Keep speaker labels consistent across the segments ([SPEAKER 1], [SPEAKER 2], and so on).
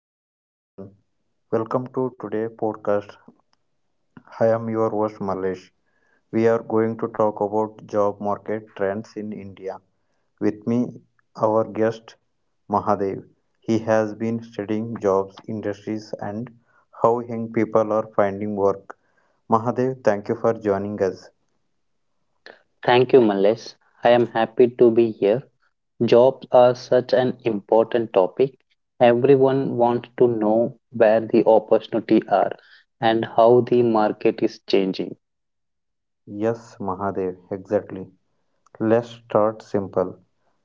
[SPEAKER 1] Hello everyone, welcome to today's podcast. I am your host Malesh. We are going to talk about job market trends in India. With me, our guest Mahadev. He has been studying jobs, industries, and how young people are finding work. Mahadev, thank you for joining us.
[SPEAKER 2] Thank you, Males. I am happy to be here. Jobs are such an important topic. Everyone wants to know where the opportunities are and how the market is changing.
[SPEAKER 1] Yes, Mahadev, exactly. Let's start simple.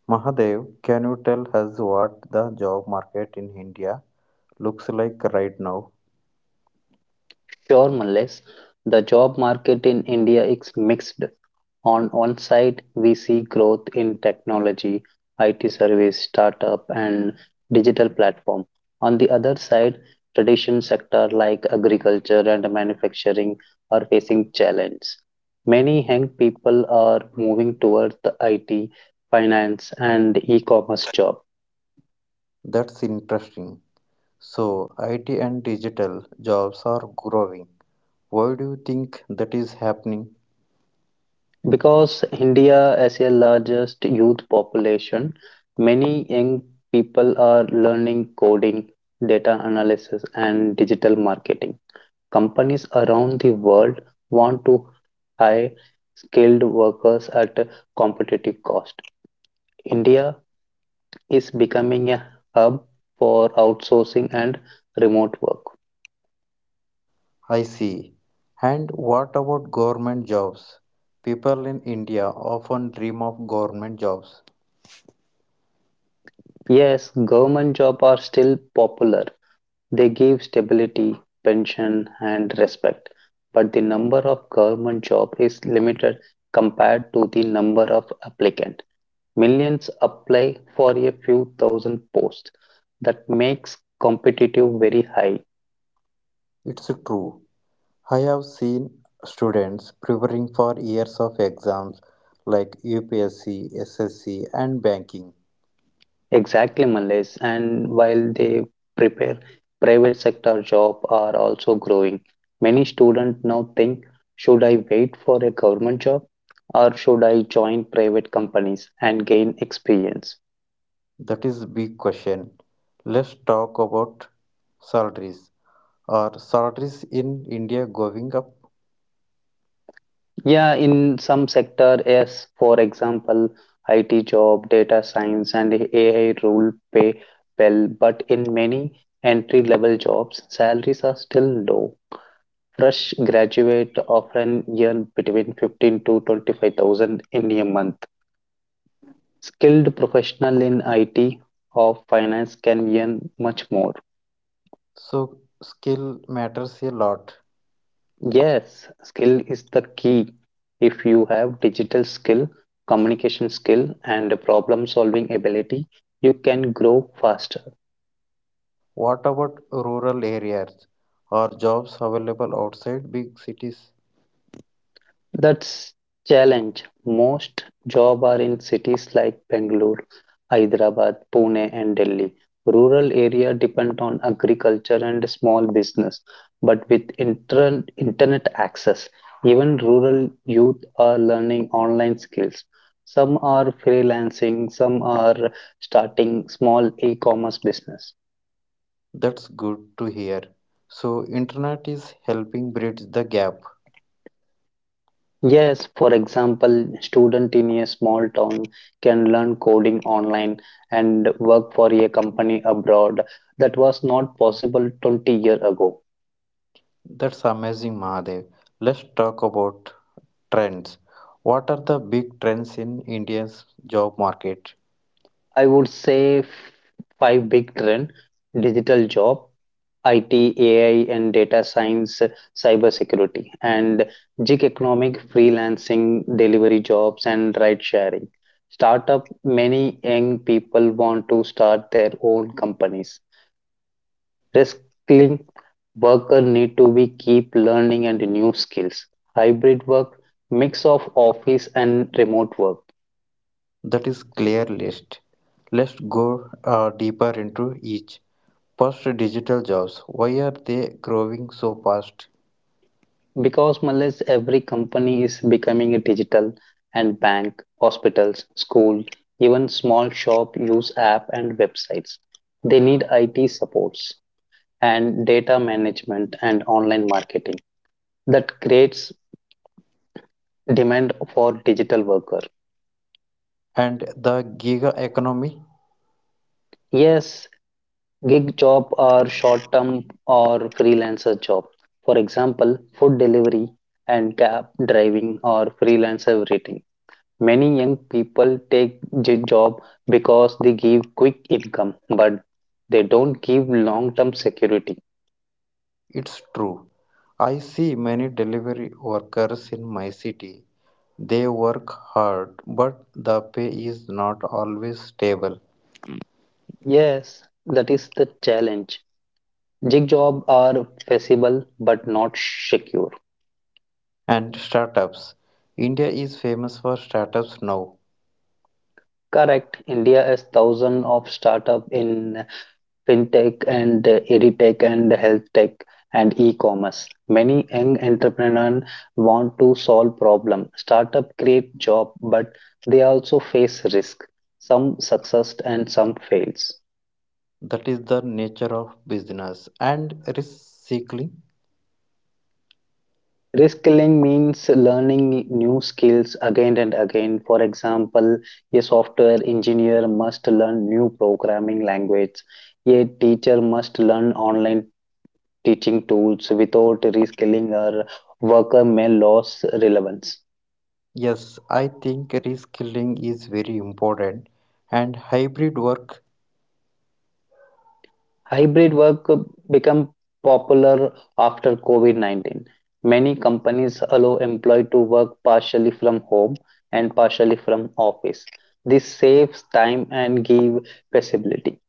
[SPEAKER 1] Mahadev, can you tell us what the job market in India looks like right now?
[SPEAKER 2] Sure, Males. The job market in India is mixed. On one side, we see growth in technology, IT service, startup, and digital platform. On the other side, traditional sector like agriculture and manufacturing are facing challenge. Many young people are moving towards the IT, finance, and e-commerce job.
[SPEAKER 1] That's interesting. So, IT and digital jobs are growing. Why do you think that is happening?
[SPEAKER 2] Because India, as a largest youth population, many young people are learning coding, data analysis, and digital marketing. Companies around the world want to hire skilled workers at a competitive cost. India is becoming a hub for outsourcing and remote work.
[SPEAKER 1] I see. And what about government jobs? People in India often dream of government jobs.
[SPEAKER 2] Yes, government jobs are still popular. They give stability, pension, and respect, but the number of government job is limited compared to the number of applicant. Millions apply for a few thousand posts. That makes competitive very high.
[SPEAKER 1] It's true. I have seen students preparing for years of exams like UPSC, SSC, and banking.
[SPEAKER 2] Exactly, Malays. And while they prepare, private sector job are also growing. Many students now think, should I wait for a government job or should I join private companies and gain experience?
[SPEAKER 1] That is a big question. Let's talk about salaries. Or shortage in India going up.
[SPEAKER 2] Yeah, in some sector, yes, for example, IT job, data science, and AI role pay well, but in many entry-level jobs, salaries are still low. Fresh graduate often earn between 15 to 25,000 in a month. Skilled professional in IT or finance can earn much more.
[SPEAKER 1] So skill matters a lot.
[SPEAKER 2] Yes, skill is the key. If you have digital skill, communication skill, and problem solving ability, you can grow faster.
[SPEAKER 1] What about rural areas? Are jobs available outside big cities?
[SPEAKER 2] That's challenge. Most job are in cities like Bangalore, Hyderabad, Pune and Delhi. Rural area depend on agriculture and small business, but with internet access, even rural youth are learning online skills. Some are freelancing, some are starting small e-commerce business.
[SPEAKER 1] That's good to hear. So internet is helping bridge the gap.
[SPEAKER 2] Yes, for example, student in a small town can learn coding online and work for a company abroad. That was not possible 20 years ago.
[SPEAKER 1] That's amazing, Mahadev. Let's talk about trends. What are the big trends in India's job market?
[SPEAKER 2] I would say five big trend, digital job, IT, AI and data science, cybersecurity, and gig economic freelancing, delivery jobs and ride sharing. Startup, many young people want to start their own companies. Rescuing worker need to be keep learning and new skills. Hybrid work, mix of office and remote work.
[SPEAKER 1] That is clear list. Let's go deeper into each. First, digital jobs. Why are they growing so fast?
[SPEAKER 2] Because Malaysia, every company is becoming a digital and bank, hospitals, school, even small shop use app and websites. They need IT supports and data management and online marketing that creates demand for digital worker.
[SPEAKER 1] And the gig economy?
[SPEAKER 2] Yes, gig job are short term or freelancer job. For example, food delivery and cab driving or freelancer writing. Many young people take the job because they give quick income, but they don't give long term security.
[SPEAKER 1] It's true. I see many delivery workers in my city. They work hard, but the pay is not always stable.
[SPEAKER 2] Yes, that is the challenge. Gig jobs are feasible but not secure.
[SPEAKER 1] And startups. India is famous for startups now.
[SPEAKER 2] Correct. India has thousands of startup in fintech and edtech and health tech and e-commerce. Many young entrepreneurs want to solve problem. Startup create job, but they also face risk. Some success and some fails.
[SPEAKER 1] That is the nature of business. And recycling?
[SPEAKER 2] Risk killing means learning new skills again and again. For example, a software engineer must learn new programming language. A teacher must learn online teaching tools without reskilling our worker may lose relevance.
[SPEAKER 1] Yes, I think reskilling is very important. And hybrid work.
[SPEAKER 2] Hybrid work become popular after COVID-19. Many companies allow employee to work partially from home and partially from office. This saves time and give flexibility.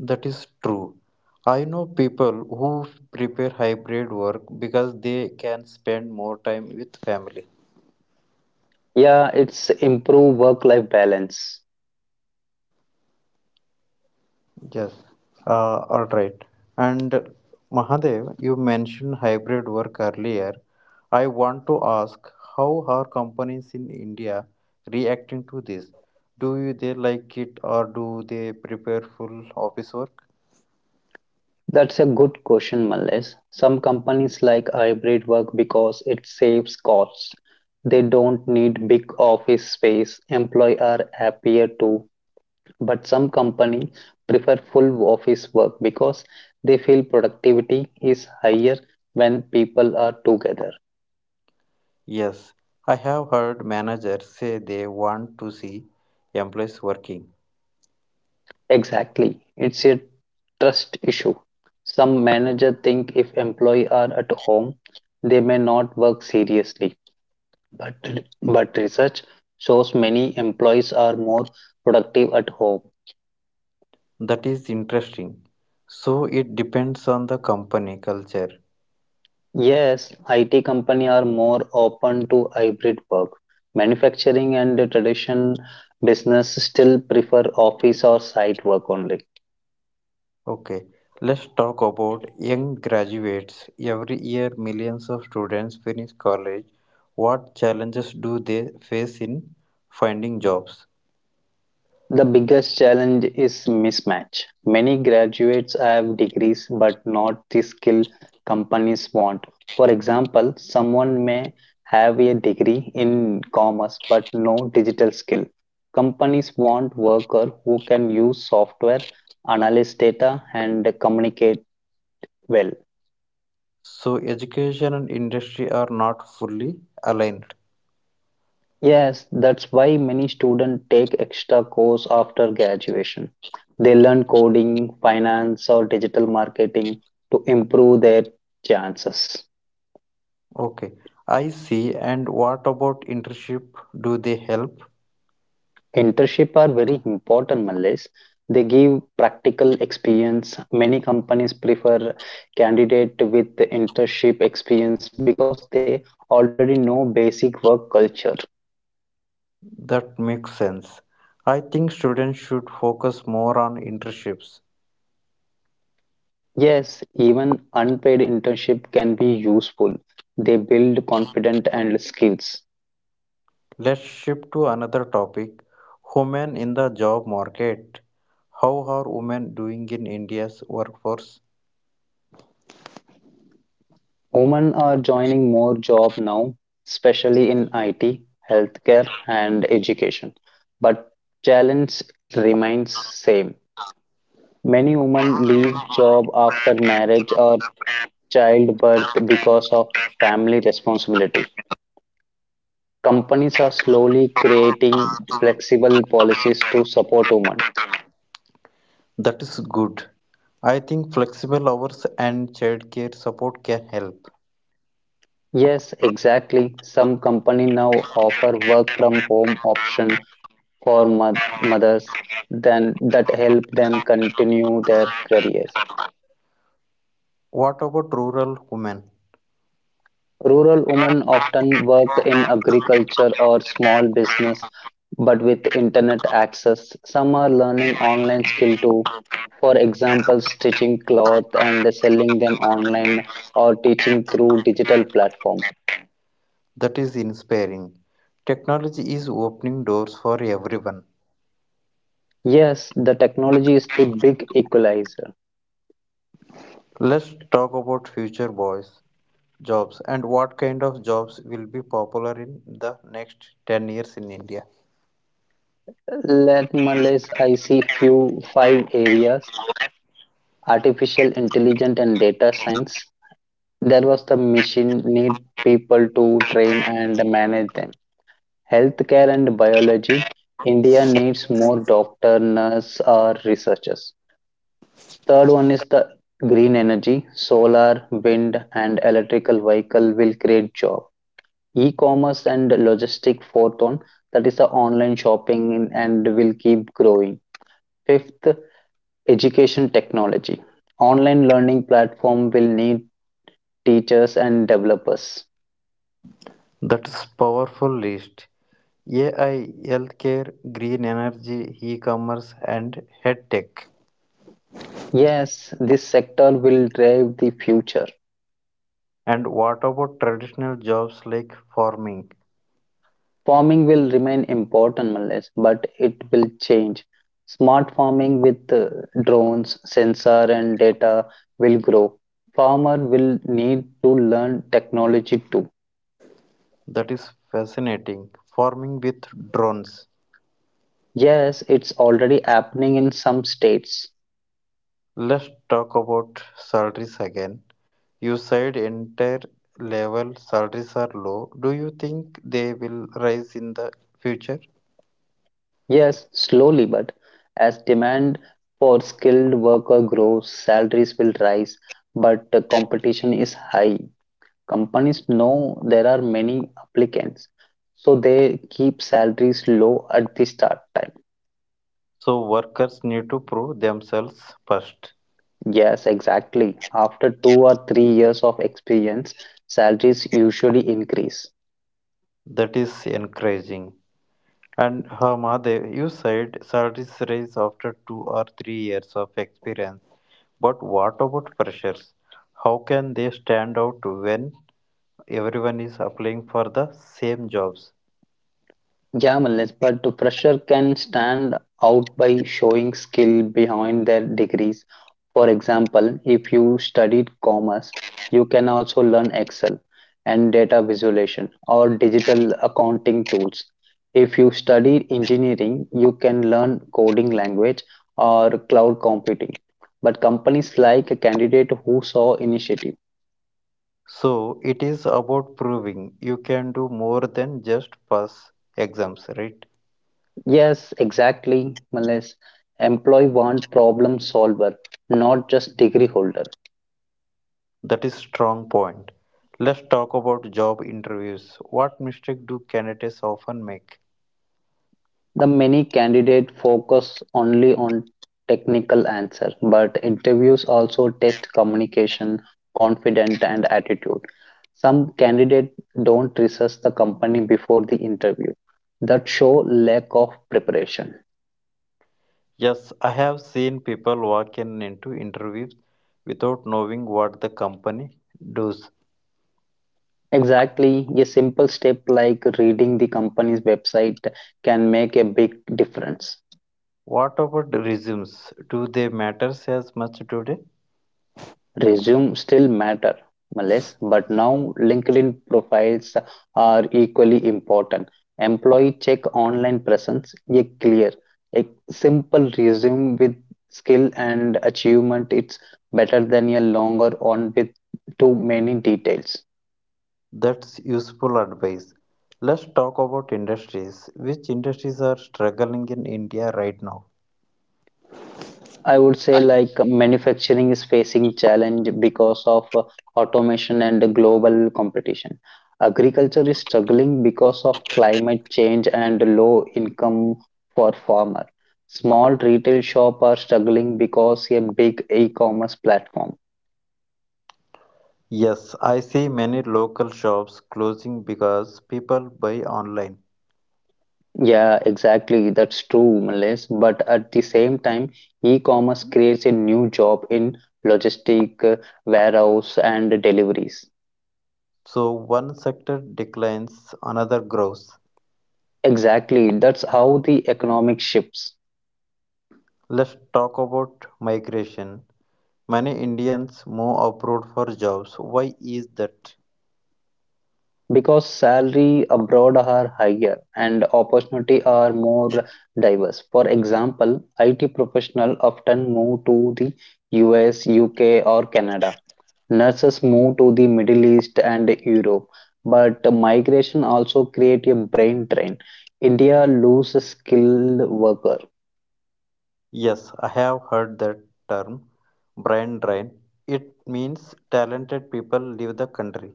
[SPEAKER 1] That is true. I know people who prepare hybrid work because they can spend more time with family.
[SPEAKER 2] Yeah, it's improve work-life balance.
[SPEAKER 1] Yes, all right. And Mahadev, you mentioned hybrid work earlier. I want to ask, how are companies in India reacting to this? They like it, or do they prepare full office work?
[SPEAKER 2] That's a good question, Malles. Some companies like hybrid work because it saves costs. They don't need big office space. Employees are happier too. But some companies prefer full office work because they feel productivity is higher when people are together.
[SPEAKER 1] Yes, I have heard managers say they want to see employees working.
[SPEAKER 2] Exactly. It's a trust issue. Some managers think if employees are at home, they may not work seriously. But, but research shows many employees are more productive at home.
[SPEAKER 1] That is interesting. So it depends on the company culture.
[SPEAKER 2] Yes, IT companies are more open to hybrid work. Manufacturing and the tradition business still prefer office or site work only.
[SPEAKER 1] Okay, let's talk about young graduates. Every year, millions of students finish college. What challenges do they face in finding jobs?
[SPEAKER 2] The biggest challenge is mismatch. Many graduates have degrees but not the skill companies want. For example, someone may have a degree in commerce but no digital skill. Companies want workers who can use software, analyze data, and communicate well.
[SPEAKER 1] So, education and industry are not fully aligned.
[SPEAKER 2] Yes, that's why many students take extra course after graduation. They learn coding, finance, or digital marketing to improve their chances.
[SPEAKER 1] Okay, I see. And what about internship? Do they help?
[SPEAKER 2] Internship are very important, Malays. They give practical experience. Many companies prefer candidate with internship experience because they already know basic work culture.
[SPEAKER 1] That makes sense. I think students should focus more on internships.
[SPEAKER 2] Yes, even unpaid internship can be useful. They build confidence and skills.
[SPEAKER 1] Let's shift to another topic, women in the job market. How are women doing in India's workforce?
[SPEAKER 2] Women are joining more job now, especially in IT, healthcare, and education. But challenge remains same. Many women leave job after marriage or childbirth because of family responsibility. Companies are slowly creating flexible policies to support women.
[SPEAKER 1] That is good. I think flexible hours and childcare support can help.
[SPEAKER 2] Yes, exactly. Some company now offer work from home option for mothers then that help them continue their careers.
[SPEAKER 1] What about rural women?
[SPEAKER 2] Rural women often work in agriculture or small business, but with internet access, some are learning online skill too. For example, stitching cloth and selling them online or teaching through digital platform.
[SPEAKER 1] That is inspiring. Technology is opening doors for everyone.
[SPEAKER 2] Yes, the technology is the big equalizer.
[SPEAKER 1] Let's talk about future boys jobs, and what kind of jobs will be popular in the next 10 years in India.
[SPEAKER 2] Let me list, I see few five areas: artificial intelligence and data science, there was the machine need people to train and manage them. Healthcare and biology, India needs more doctor, nurse, or researchers. Third one is the green energy, solar, wind, and electrical vehicle will create job. E-commerce and logistic fourth one, that is the online shopping and will keep growing. Fifth, education technology online learning platform will need teachers, and developers.
[SPEAKER 1] That's powerful list. AI, healthcare, green energy, e-commerce and head tech.
[SPEAKER 2] Yes, this sector will drive the future.
[SPEAKER 1] And what about traditional jobs like farming?
[SPEAKER 2] Farming will remain important, Malesh, but it will change. Smart farming with drones, sensor, and data will grow. Farmer will need to learn technology too.
[SPEAKER 1] That is fascinating. Farming with drones.
[SPEAKER 2] Yes, it's already happening in some states.
[SPEAKER 1] Let's talk about salaries again. You said entry level salaries are low. Do you think they will rise in the future?
[SPEAKER 2] Yes, slowly, but as demand for skilled worker grows, salaries will rise, but the competition is high. Companies know there are many applicants, so they keep salaries low at the start time.
[SPEAKER 1] So workers need to prove themselves first.
[SPEAKER 2] Yes, exactly. After 2 or 3 years of experience, salaries usually increase.
[SPEAKER 1] That is encouraging. And Mahadev, you said salaries rise after 2 or 3 years of experience. But what about freshers? How can they stand out when everyone is applying for the same jobs?
[SPEAKER 2] Yeah, Malles, but the fresher can stand out by showing skill behind their degrees. For example, if you studied commerce, you can also learn Excel and data visualization or digital accounting tools. If you studied engineering, you can learn coding language or cloud computing. But companies like a candidate who saw initiative.
[SPEAKER 1] So it is about proving you can do more than just pass exams, right?
[SPEAKER 2] Yes, exactly, Malaysia. Employee want problem solver, not just degree holder.
[SPEAKER 1] That is strong point. Let's talk about job interviews. What mistake do candidates often make?
[SPEAKER 2] The many candidate focus only on technical answer, but interviews also test communication, confident and attitude. Some candidate don't research the company before the interview. That show lack of preparation.
[SPEAKER 1] Yes, I have seen people walk in into interviews without knowing what the company does.
[SPEAKER 2] Exactly, a simple step like reading the company's website can make a big difference.
[SPEAKER 1] What about resumes? Do they matter as much today?
[SPEAKER 2] Resume still matter, Males, but now LinkedIn profiles are equally important. Employee check online presence, a clear, a simple resume with skill and achievement. It's better than a longer one with too many details.
[SPEAKER 1] That's useful advice. Let's talk about industries. Which industries are struggling in India right now?
[SPEAKER 2] I would say like manufacturing is facing challenge because of automation and global competition. Agriculture is struggling because of climate change and low income for farmer. Small retail shop are struggling because a big e-commerce platform.
[SPEAKER 1] Yes, I see many local shops closing because people buy online.
[SPEAKER 2] Yeah, exactly. That's true, Malaysia. But at the same time, e-commerce creates a new job in logistic, warehouse, and deliveries.
[SPEAKER 1] So one sector declines, another grows.
[SPEAKER 2] Exactly, that's how the economic shifts.
[SPEAKER 1] Let's talk about migration. Many Indians move abroad for jobs. Why is that?
[SPEAKER 2] Because salary abroad are higher and opportunity are more diverse. For example, IT professional often move to the US, UK or Canada. Nurses move to the Middle East and Europe, but migration also create a brain drain. India loses skilled workers.
[SPEAKER 1] Yes, I have heard that term, brain drain. It means talented people leave the country.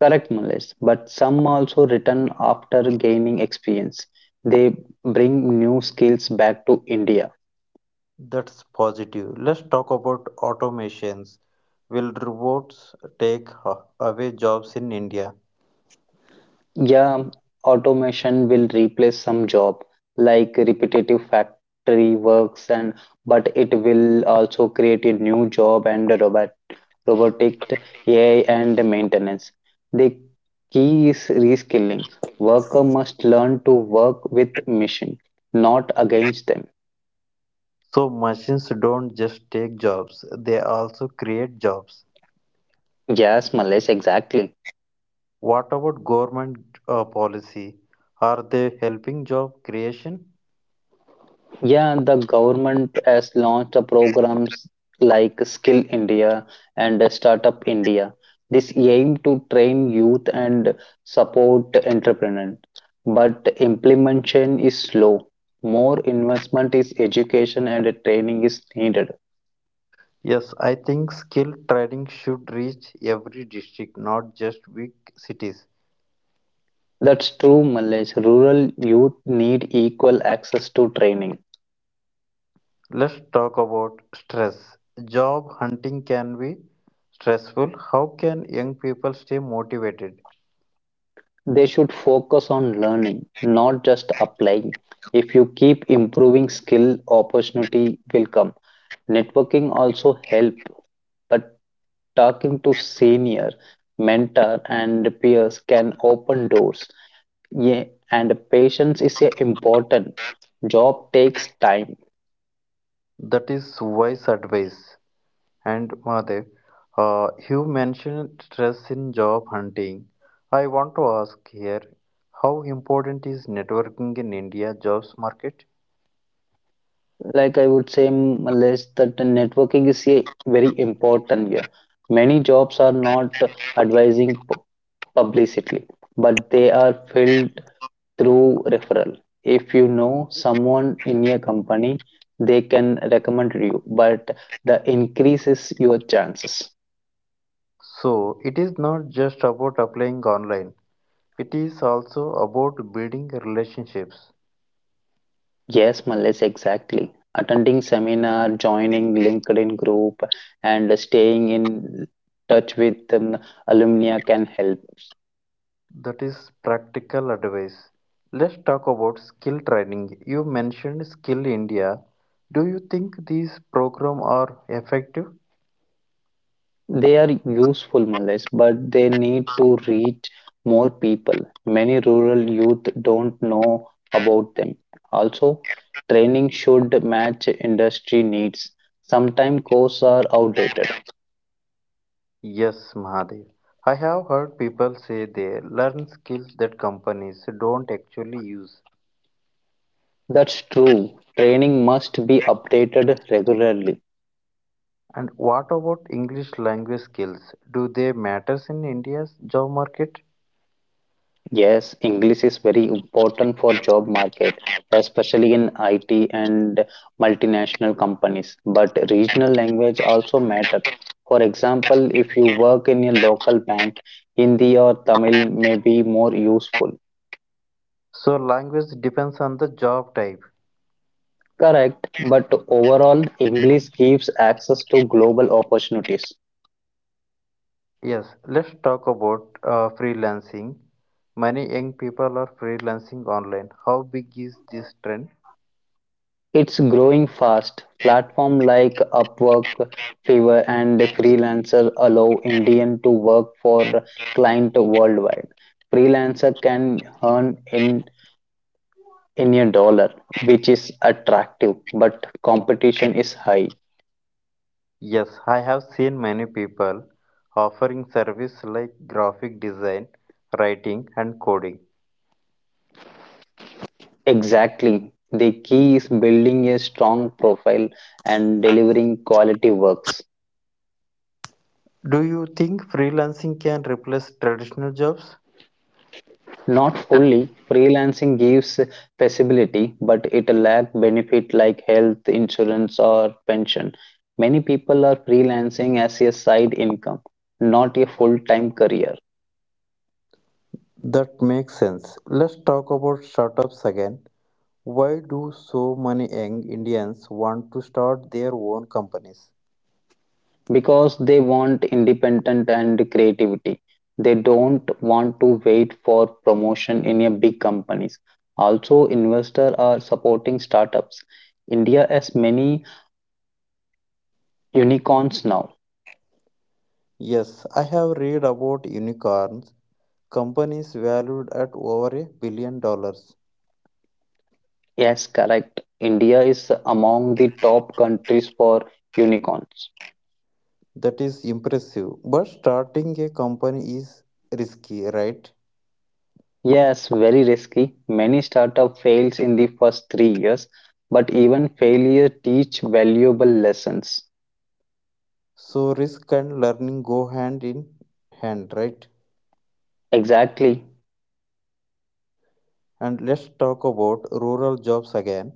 [SPEAKER 2] Correct, Malesh. But some also return after gaining experience. They bring new skills back to India.
[SPEAKER 1] That's positive. Let's talk about automations. Will robots take away jobs in India?
[SPEAKER 2] Yeah, automation will replace some job like repetitive factory works and but it will also create a new job and robotic AI and maintenance. The key is reskilling. Worker must learn to work with machine, not against them.
[SPEAKER 1] So machines don't just take jobs, they also create jobs.
[SPEAKER 2] Yes, Malesh, exactly.
[SPEAKER 1] What about government policy? Are they helping job creation?
[SPEAKER 2] Yeah, the government has launched the programs like Skill India and Startup India. This aim to train youth and support entrepreneurs, but implementation is slow. More investment is education and training is needed.
[SPEAKER 1] Yes, I think skill training should reach every district, not just big cities.
[SPEAKER 2] That's true, Malesh. Rural youth need equal access to training.
[SPEAKER 1] Let's talk about stress. Job hunting can be stressful. How can young people stay motivated?
[SPEAKER 2] They should focus on learning, not just applying. If you keep improving skill, opportunity will come. Networking also help, but talking to senior, mentor, and peers can open doors. Yeah, and patience is a important. Job takes time.
[SPEAKER 1] That is wise advice. And Mahadev, you mentioned stress in job hunting. I want to ask here, how important is networking in India jobs market?
[SPEAKER 2] Like I would say, Malesh, that the networking is a very important here. Many jobs are not advising pu- publicly, but they are filled through referral. If you know someone in your company, they can recommend you, but the increase is your chances.
[SPEAKER 1] So it is not just about applying online. It is also about building relationships.
[SPEAKER 2] Yes, Mallesh, exactly. Attending seminar, joining LinkedIn group, and staying in touch with alumni can help.
[SPEAKER 1] That is practical advice. Let's talk about skill training. You mentioned Skill India. Do you think these programs are effective?
[SPEAKER 2] They are useful, Malice, but they need to reach more people. Many rural youth don't know about them. Also, training should match industry needs. Sometimes courses are outdated.
[SPEAKER 1] Yes, Mahadev. I have heard people say they learn skills that companies don't actually use.
[SPEAKER 2] That's true. Training must be updated regularly.
[SPEAKER 1] And what about English language skills? Do they matter in India's job market?
[SPEAKER 2] Yes, English is very important for job market, especially in IT and multinational companies. But regional language also matter. For example, if you work in a local bank, Hindi or Tamil may be more useful.
[SPEAKER 1] So language depends on the job type.
[SPEAKER 2] Correct, but overall, English gives access to global opportunities.
[SPEAKER 1] Yes, let's talk about freelancing. Many young people are freelancing online. How big is this trend?
[SPEAKER 2] It's growing fast. Platform like Upwork, Fiverr, and Freelancer allow Indian to work for client worldwide. Freelancer can earn in in a dollar, which is attractive, but competition is high.
[SPEAKER 1] Yes, I have seen many people offering service like graphic design, writing and coding.
[SPEAKER 2] Exactly. The key is building a strong profile and delivering quality works.
[SPEAKER 1] Do you think freelancing can replace traditional jobs?
[SPEAKER 2] Not fully. Freelancing gives flexibility, but it lack benefit like health insurance or pension. Many people are freelancing as a side income, not a full-time career,
[SPEAKER 1] That makes sense. Let's talk about startups again. Why do so many young Indians want to start their own companies?
[SPEAKER 2] because they want independence and creativity. They don't want to wait for promotion in a big companies. Also, investors are supporting startups. India has many unicorns now.
[SPEAKER 1] Yes, I have read about unicorns, companies valued at over $1 billion.
[SPEAKER 2] Yes, correct. India is among the top countries for unicorns.
[SPEAKER 1] That is impressive. But starting a company is risky, right?
[SPEAKER 2] Yes, very risky. Many startup fails in the first 3 years, but even failure teach valuable lessons.
[SPEAKER 1] So risk and learning go hand in hand, right?
[SPEAKER 2] Exactly.
[SPEAKER 1] And let's talk about rural jobs again.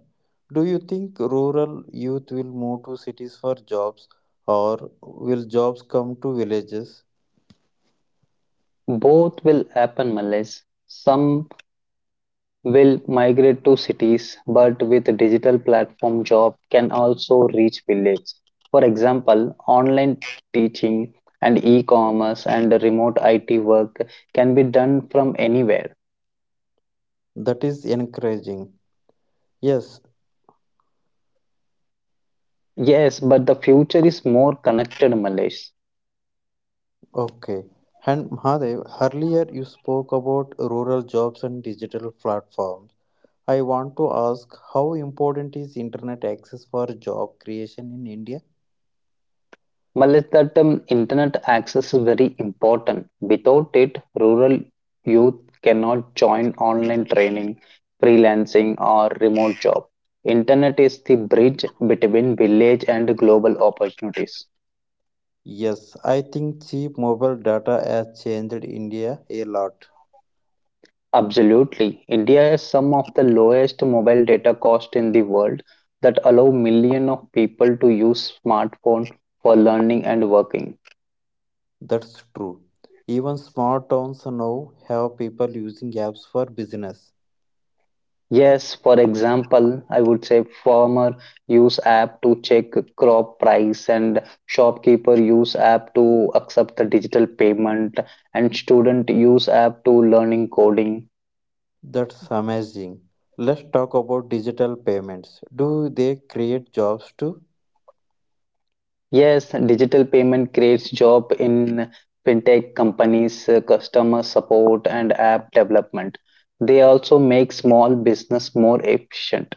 [SPEAKER 1] Do you think rural youth will move to cities for jobs, or will jobs come to villages?
[SPEAKER 2] Both will happen, Malays. Some will migrate to cities, but with digital platform job can also reach village. For example, online teaching and e-commerce and remote IT work can be done from anywhere.
[SPEAKER 1] That is encouraging. Yes.
[SPEAKER 2] Yes, but the future is more connected, Malesh.
[SPEAKER 1] Okay. And Mahadev, earlier you spoke about rural jobs and digital platforms. I want to ask, how important is internet access for job creation in India?
[SPEAKER 2] Mallesh, that internet access is very important. Without it, rural youth cannot join online training, freelancing, or remote job. Internet is the bridge between village and global opportunities.
[SPEAKER 1] Yes, I think cheap mobile data has changed India a lot.
[SPEAKER 2] Absolutely. India has some of the lowest mobile data cost in the world that allow millions of people to use smartphone for learning and working.
[SPEAKER 1] That's true. Even small towns now have people using apps for business.
[SPEAKER 2] Yes, for example, I would say farmer use app to check crop price and shopkeeper use app to accept the digital payment and student use app to learning coding.
[SPEAKER 1] That's amazing. Let's talk about digital payments. Do they create jobs too?
[SPEAKER 2] Yes, digital payment creates job in fintech companies, customer support and app development. They also make small business more efficient.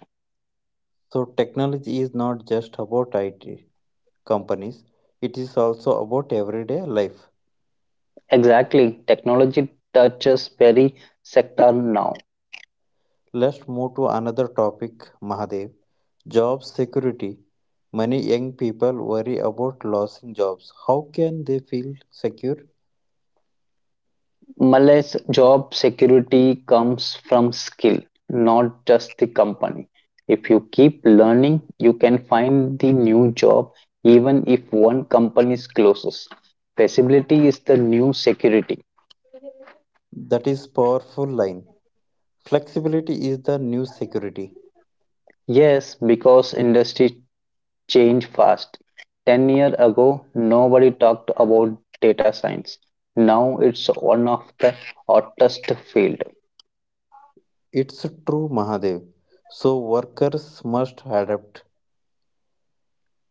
[SPEAKER 1] So, technology is not just about IT companies, it is also about everyday life.
[SPEAKER 2] Exactly, technology touches every sector now.
[SPEAKER 1] Let's move to another topic, Mahadev, job security. Many young people worry about losing jobs. How can they feel secure?
[SPEAKER 2] Malay's job security comes from skill, not just the company. If you keep learning, you can find the new job even if one company closes. Flexibility is the new security.
[SPEAKER 1] That is powerful line. Flexibility is the new security.
[SPEAKER 2] Yes, because industry change fast. 10 years ago, nobody talked about data science. Now it's one of the hottest field.
[SPEAKER 1] It's true, Mahadev. So workers must adapt.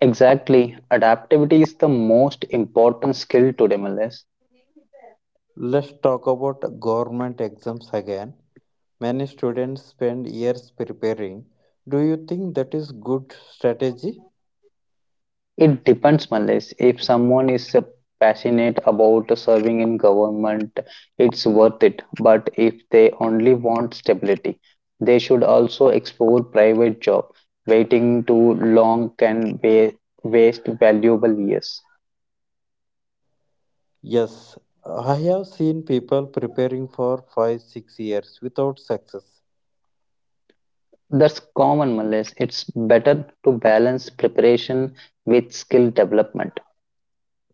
[SPEAKER 2] Exactly. Adaptability is the most important skill today, Malayas.
[SPEAKER 1] Let's talk about government exams again. Many students spend years preparing. Do you think that is good strategy?
[SPEAKER 2] It depends, Malesh. If someone is passionate about serving in government, it's worth it. But if they only want stability, they should also explore private job. Waiting too long can waste valuable years.
[SPEAKER 1] Yes, I have seen people preparing for 5 6 years without success.
[SPEAKER 2] That's common, Malesh. It's better to balance preparation with skill development.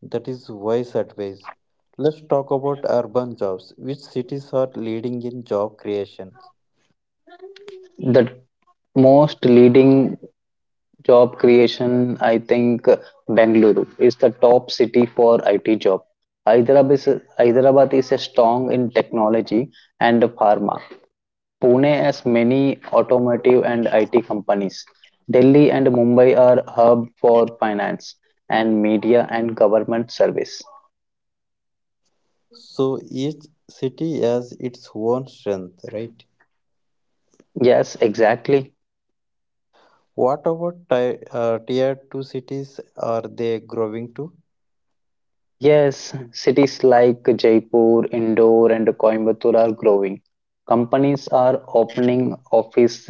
[SPEAKER 1] That is wise advice. Let's talk about urban jobs. Which cities are leading in job creation?
[SPEAKER 2] The most leading job creation, I think Bangalore is the top city for IT job. Hyderabad is, Hyderabad is a strong in technology and pharma. Pune has many automotive and IT companies. Delhi and Mumbai are hub for finance and media and government service.
[SPEAKER 1] So each city has its own strength, right?
[SPEAKER 2] Yes, exactly.
[SPEAKER 1] What about tier 2 cities, are they growing too?
[SPEAKER 2] Yes, cities like Jaipur, Indore, and Coimbatore are growing. Companies are opening office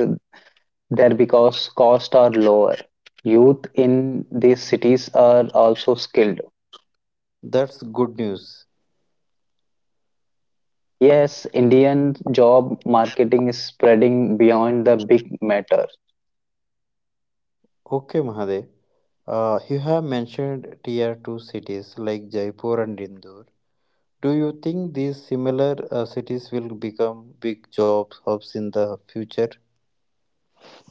[SPEAKER 2] there because costs are lower. Youth in these cities are also skilled.
[SPEAKER 1] That's good news.
[SPEAKER 2] Yes, Indian job marketing is spreading beyond the big metro.
[SPEAKER 1] Okay, Mahadev. You have mentioned tier 2 cities like Jaipur and Indore. Do you think these similar cities will become big job hubs in the future?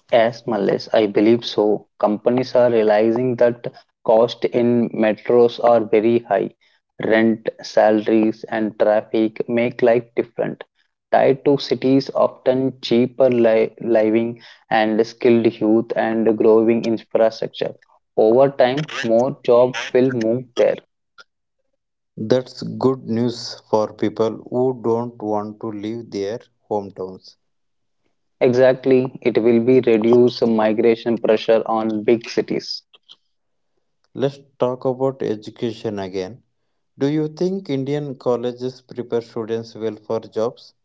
[SPEAKER 2] Yes, Malis, I believe so. Companies are realizing that cost in metros are very high. Rent, salaries, and traffic make life different. Tied to cities, often cheaper living and skilled youth and growing infrastructure. Over time, more job will move there.
[SPEAKER 1] That's good news for people who don't want to leave their hometowns.
[SPEAKER 2] Exactly, it will be reduce migration pressure on big cities.
[SPEAKER 1] Let's talk about education again. Do you think Indian colleges prepare students well for jobs?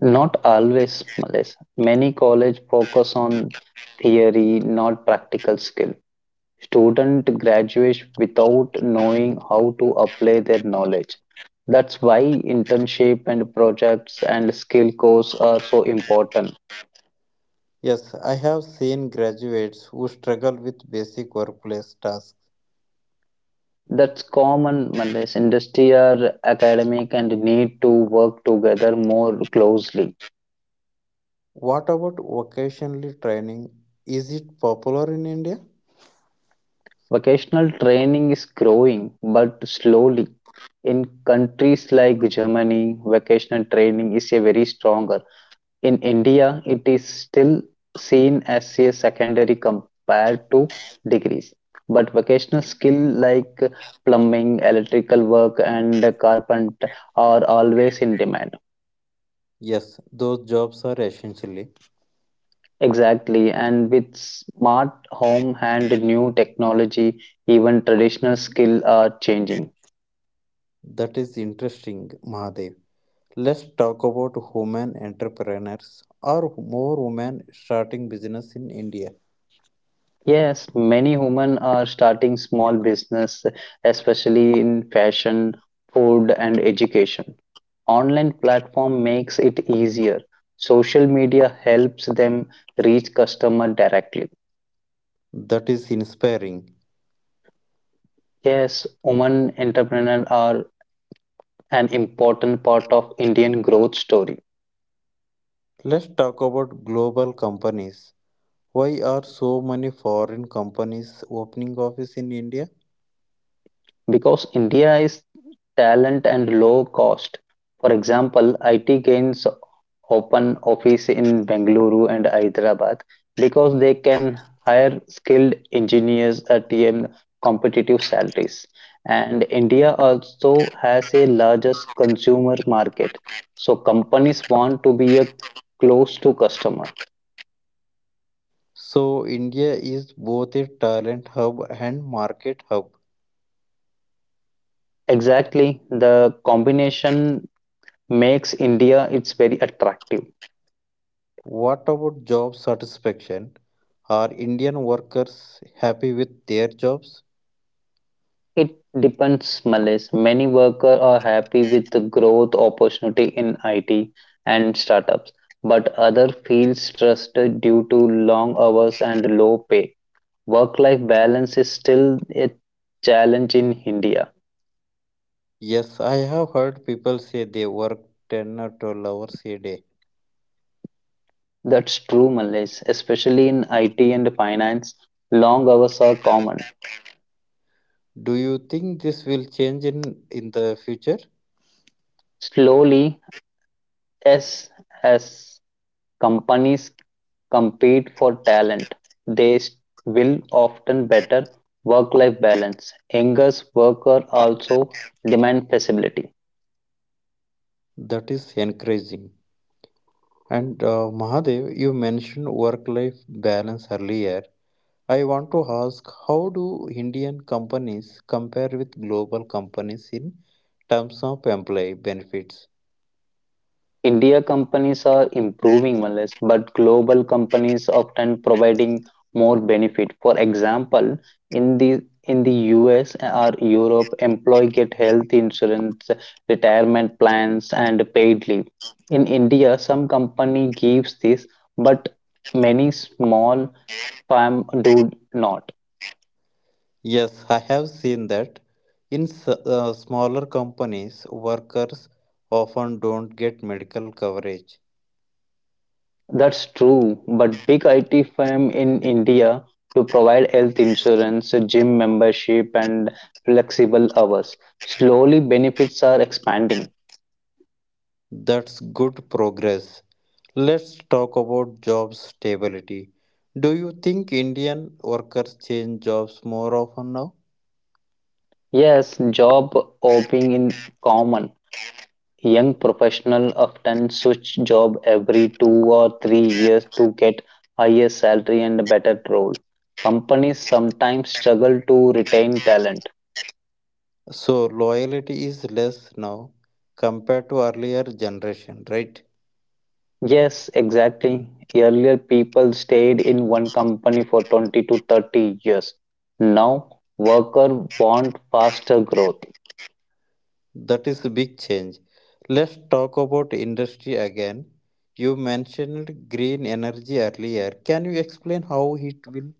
[SPEAKER 2] Not always, Malaysia. Many college focus on theory, not practical skill. Student graduate without knowing how to apply their knowledge. That's why internship and projects and skill course are so important.
[SPEAKER 1] Yes, I have seen graduates who struggle with basic workplace tasks.
[SPEAKER 2] That's common, Malaysia. Industry are academic and need to work together more closely.
[SPEAKER 1] What about vocationally training? Is it popular in India?
[SPEAKER 2] Vocational training is growing, but slowly. In countries like Germany, vocational training is a very stronger. In India, it is still seen as a secondary compared to degrees. But vocational skill like plumbing, electrical work, and carpent are always in demand.
[SPEAKER 1] Yes, those jobs are essentially.
[SPEAKER 2] Exactly, and with smart home and new technology, even traditional skill are changing.
[SPEAKER 1] That is interesting, Mahadev. Let's talk about women entrepreneurs, or more women starting business in India.
[SPEAKER 2] Yes, many women are starting small business, especially in fashion, food, and education. Online platform makes it easier. Social media helps them reach customer directly.
[SPEAKER 1] That is inspiring.
[SPEAKER 2] Yes, women entrepreneurs are an important part of Indian growth story.
[SPEAKER 1] Let's talk about global companies. Why are so many foreign companies opening office in India?
[SPEAKER 2] Because India is talent and low cost. For example, IT gains open office in Bengaluru and Hyderabad because they can hire skilled engineers at competitive salaries. And India also has a largest consumer market, so companies want to be a close to customer.
[SPEAKER 1] So India is both a talent hub and market hub.
[SPEAKER 2] Exactly, the combination makes India it's very attractive.
[SPEAKER 1] What about job satisfaction? Are Indian workers happy with their jobs?
[SPEAKER 2] It depends, Malis. Many workers are happy with the growth opportunity in IT and startups, but other feel stressed due to long hours and low pay. Work-life balance is still a challenge in India.
[SPEAKER 1] Yes, I have heard people say they work 10 or 12 hours a day.
[SPEAKER 2] That's true, Malis. Especially in IT and finance, long hours are common.
[SPEAKER 1] Do you think this will change in the future?
[SPEAKER 2] Slowly, as as companies compete for talent, they will often better work life balance. Angus workers also demand flexibility.
[SPEAKER 1] That is encouraging. And Mahadev, you mentioned work life balance earlier. I want to ask, how do Indian companies compare with global companies in terms of employee benefits?
[SPEAKER 2] India companies are improving Malaysia, but global companies often providing more benefit. For example, in the in the US or Europe, employee get health insurance, retirement plans, and paid leave. In India, some company gives this, but many small Fam do not.
[SPEAKER 1] Yes, I have seen that. In smaller companies, workers often don't get medical coverage.
[SPEAKER 2] That's true, but big IT firm in India to provide health insurance, gym membership, and flexible hours. Slowly, benefits are expanding.
[SPEAKER 1] That's good progress. Let's talk about job stability. Do you think Indian workers change jobs more often now?
[SPEAKER 2] Yes, job hopping in common. Young professional often switch job every 2 or 3 years to get higher salary and better role. Companies sometimes struggle to retain talent.
[SPEAKER 1] So, loyalty is less now compared to earlier generation, right?
[SPEAKER 2] Yes, exactly. Earlier, people stayed in one company for 20 to 30 years. Now, workers want faster growth.
[SPEAKER 1] That is a big change. Let's talk about industry again. You mentioned green energy earlier. Can you explain how it will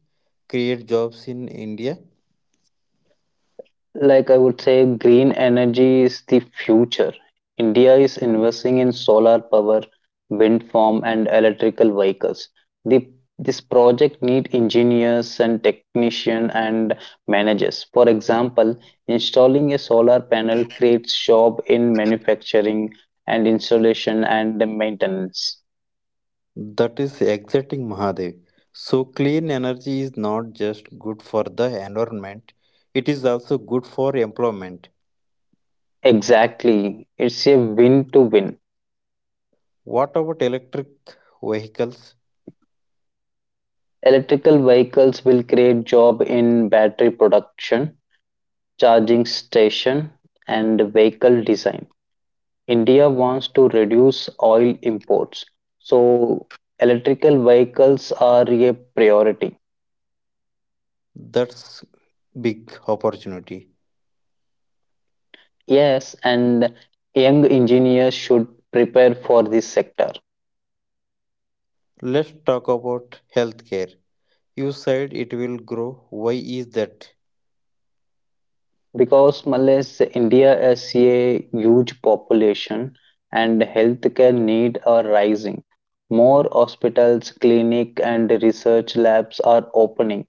[SPEAKER 1] create jobs in India?
[SPEAKER 2] Like I would say, green energy is the future. India is investing in solar power, wind farm, and electrical vehicles. The, this project need engineers and technician and managers. For example, installing a solar panel creates job in manufacturing and installation and maintenance.
[SPEAKER 1] That is exciting, Mahadev. So, clean energy is not just good for the environment, it is also good for employment.
[SPEAKER 2] Exactly, it's a win to win.
[SPEAKER 1] What about electric vehicles?
[SPEAKER 2] Electrical vehicles will create job in battery production charging station and vehicle design. India wants to reduce oil imports, so electrical vehicles are a priority.
[SPEAKER 1] That's big opportunity.
[SPEAKER 2] Yes, and young engineers should prepare for this sector.
[SPEAKER 1] Let's talk about healthcare. You said it will grow. Why is that?
[SPEAKER 2] Because Malaysia, India has a huge population and healthcare needs are rising. More hospitals, clinic, and research labs are opening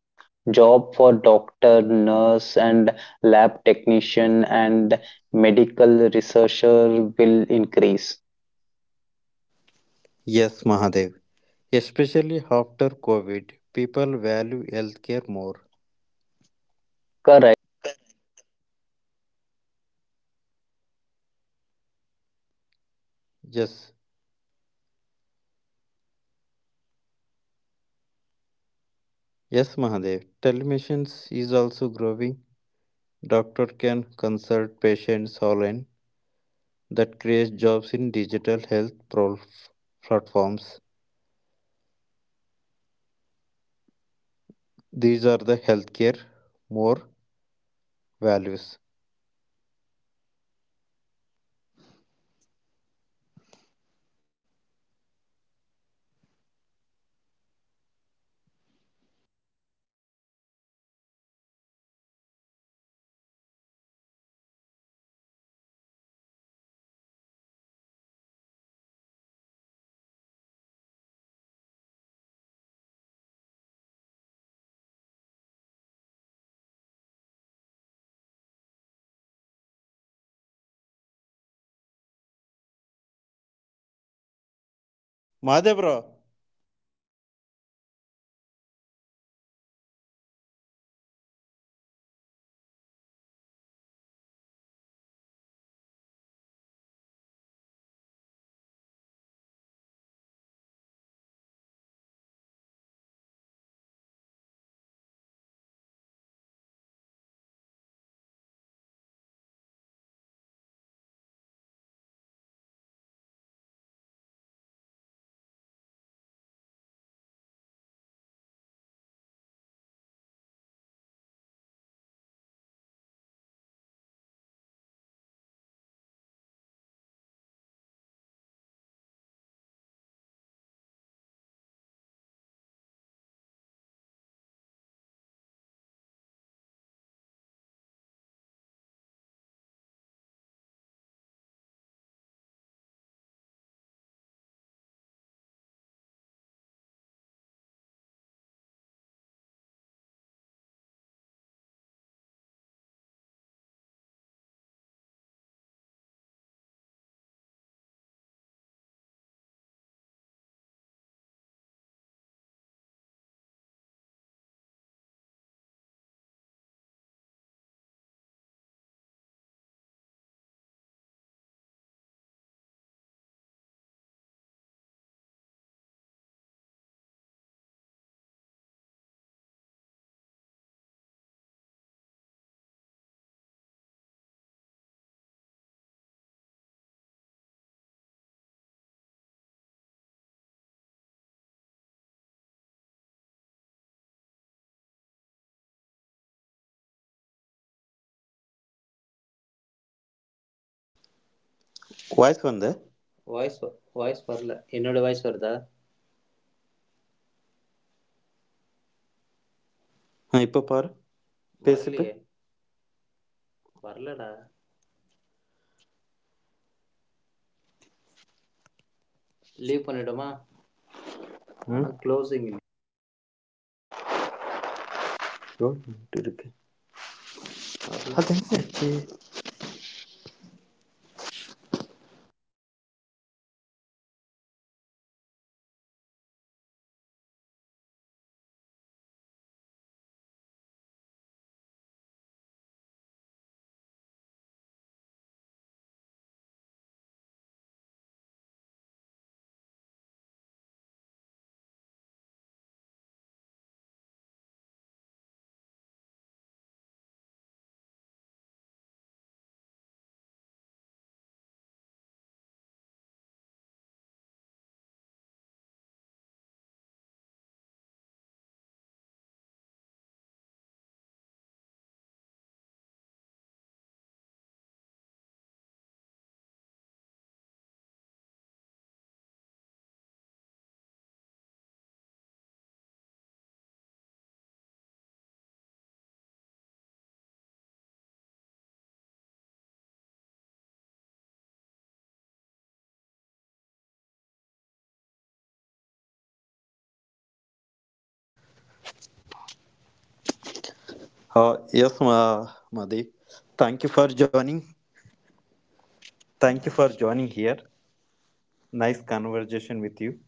[SPEAKER 2] job for doctor, nurse, and lab technician and medical researcher will increase.
[SPEAKER 1] Yes, Mahadev. Especially after COVID, people value healthcare more.
[SPEAKER 2] Correct. Telemedicine is also growing. Doctor can consult patient with on
[SPEAKER 1] Yes,
[SPEAKER 2] online. That creates job in digital health platform.
[SPEAKER 1] yes, Mahadev. Telemedicine is also growing. Doctor can consult patients online. That creates jobs in digital health platforms. These are the healthcare more values. Mahadev bro,
[SPEAKER 2] As it's connect village to doctor in cities. Let's talk about education.
[SPEAKER 1] voice வந்த voice voice
[SPEAKER 2] voice வரல
[SPEAKER 1] வரல
[SPEAKER 2] என்னோட
[SPEAKER 1] என்னோட
[SPEAKER 2] voice
[SPEAKER 1] voice
[SPEAKER 2] வருதா.
[SPEAKER 1] வருதா
[SPEAKER 2] நான்
[SPEAKER 1] இப்போ
[SPEAKER 2] இப்போ
[SPEAKER 1] பாரு
[SPEAKER 2] பாரு.
[SPEAKER 1] பேசிட்டு
[SPEAKER 2] வரலையே.
[SPEAKER 1] வரலையே
[SPEAKER 2] வரலடா.
[SPEAKER 1] வரலடா
[SPEAKER 2] லீவ்
[SPEAKER 1] லீவ்
[SPEAKER 2] பண்ணிடுமா?
[SPEAKER 1] பண்ணிட்டோமா ம்
[SPEAKER 2] ஆனா
[SPEAKER 1] க்ளோசிங்
[SPEAKER 2] க்ளோசிஙஇல்லையே!
[SPEAKER 1] யோட்டு
[SPEAKER 2] இருக்கு.
[SPEAKER 1] இருக்கு
[SPEAKER 2] வரல.
[SPEAKER 1] அது
[SPEAKER 2] அது
[SPEAKER 1] என்னாச்சு
[SPEAKER 2] என்னாச்சு? வரல. லீவ் பண்ணி மறுபடியும் பண்ணுவோமா? வரமாட்டு. தெரியுமா லிங்க்கு? சேம் லிங்க் தான்டா அது. சேம் தான் வருது எனக்கு. சேம் தான்டா. ம், ம், ம், ம். சேம் தான்டா. பட் இது என்ன இது வரமாட்டேன். தெரியலையே! லீவ் பண்ணிட்டு மறுபடியும் ஃபர்ஸ்ட் தான் பண்ணுவோமா இருக்கே. இது ரெக்கார்டு வேண்டாமா? அப்புறம் இது அவ்வளோதான் வேஸ்ட் ஆயிடுச்சு. இல்ல எங்க வேஸ்ட்டு? ம். இப்ப எது வரையும் பண்ணோமோ அது வரையும் தான் இருக்கும். அதுல க்ளோசிங் இல்லையே! ஓ! அது அப்படியே, அது அப்படியே விட்டுருவோம், இன்னொன்னு பண்ணுவோம். வேற என்ன பண்றது பாரு. க்ளோசிங். க்ளோசிங் பண்ணி அப்புறமா அப்லோடிங் பண்ணுமா? ஆ ஆல் இங்க அதை delete பண்ணிடு. ஆ ஆ ஆ. ஓகே.
[SPEAKER 1] ஆ எஸ் மா மதீப் thank you for joining thank you for joining here nice conversation with you
[SPEAKER 2] Mallesh.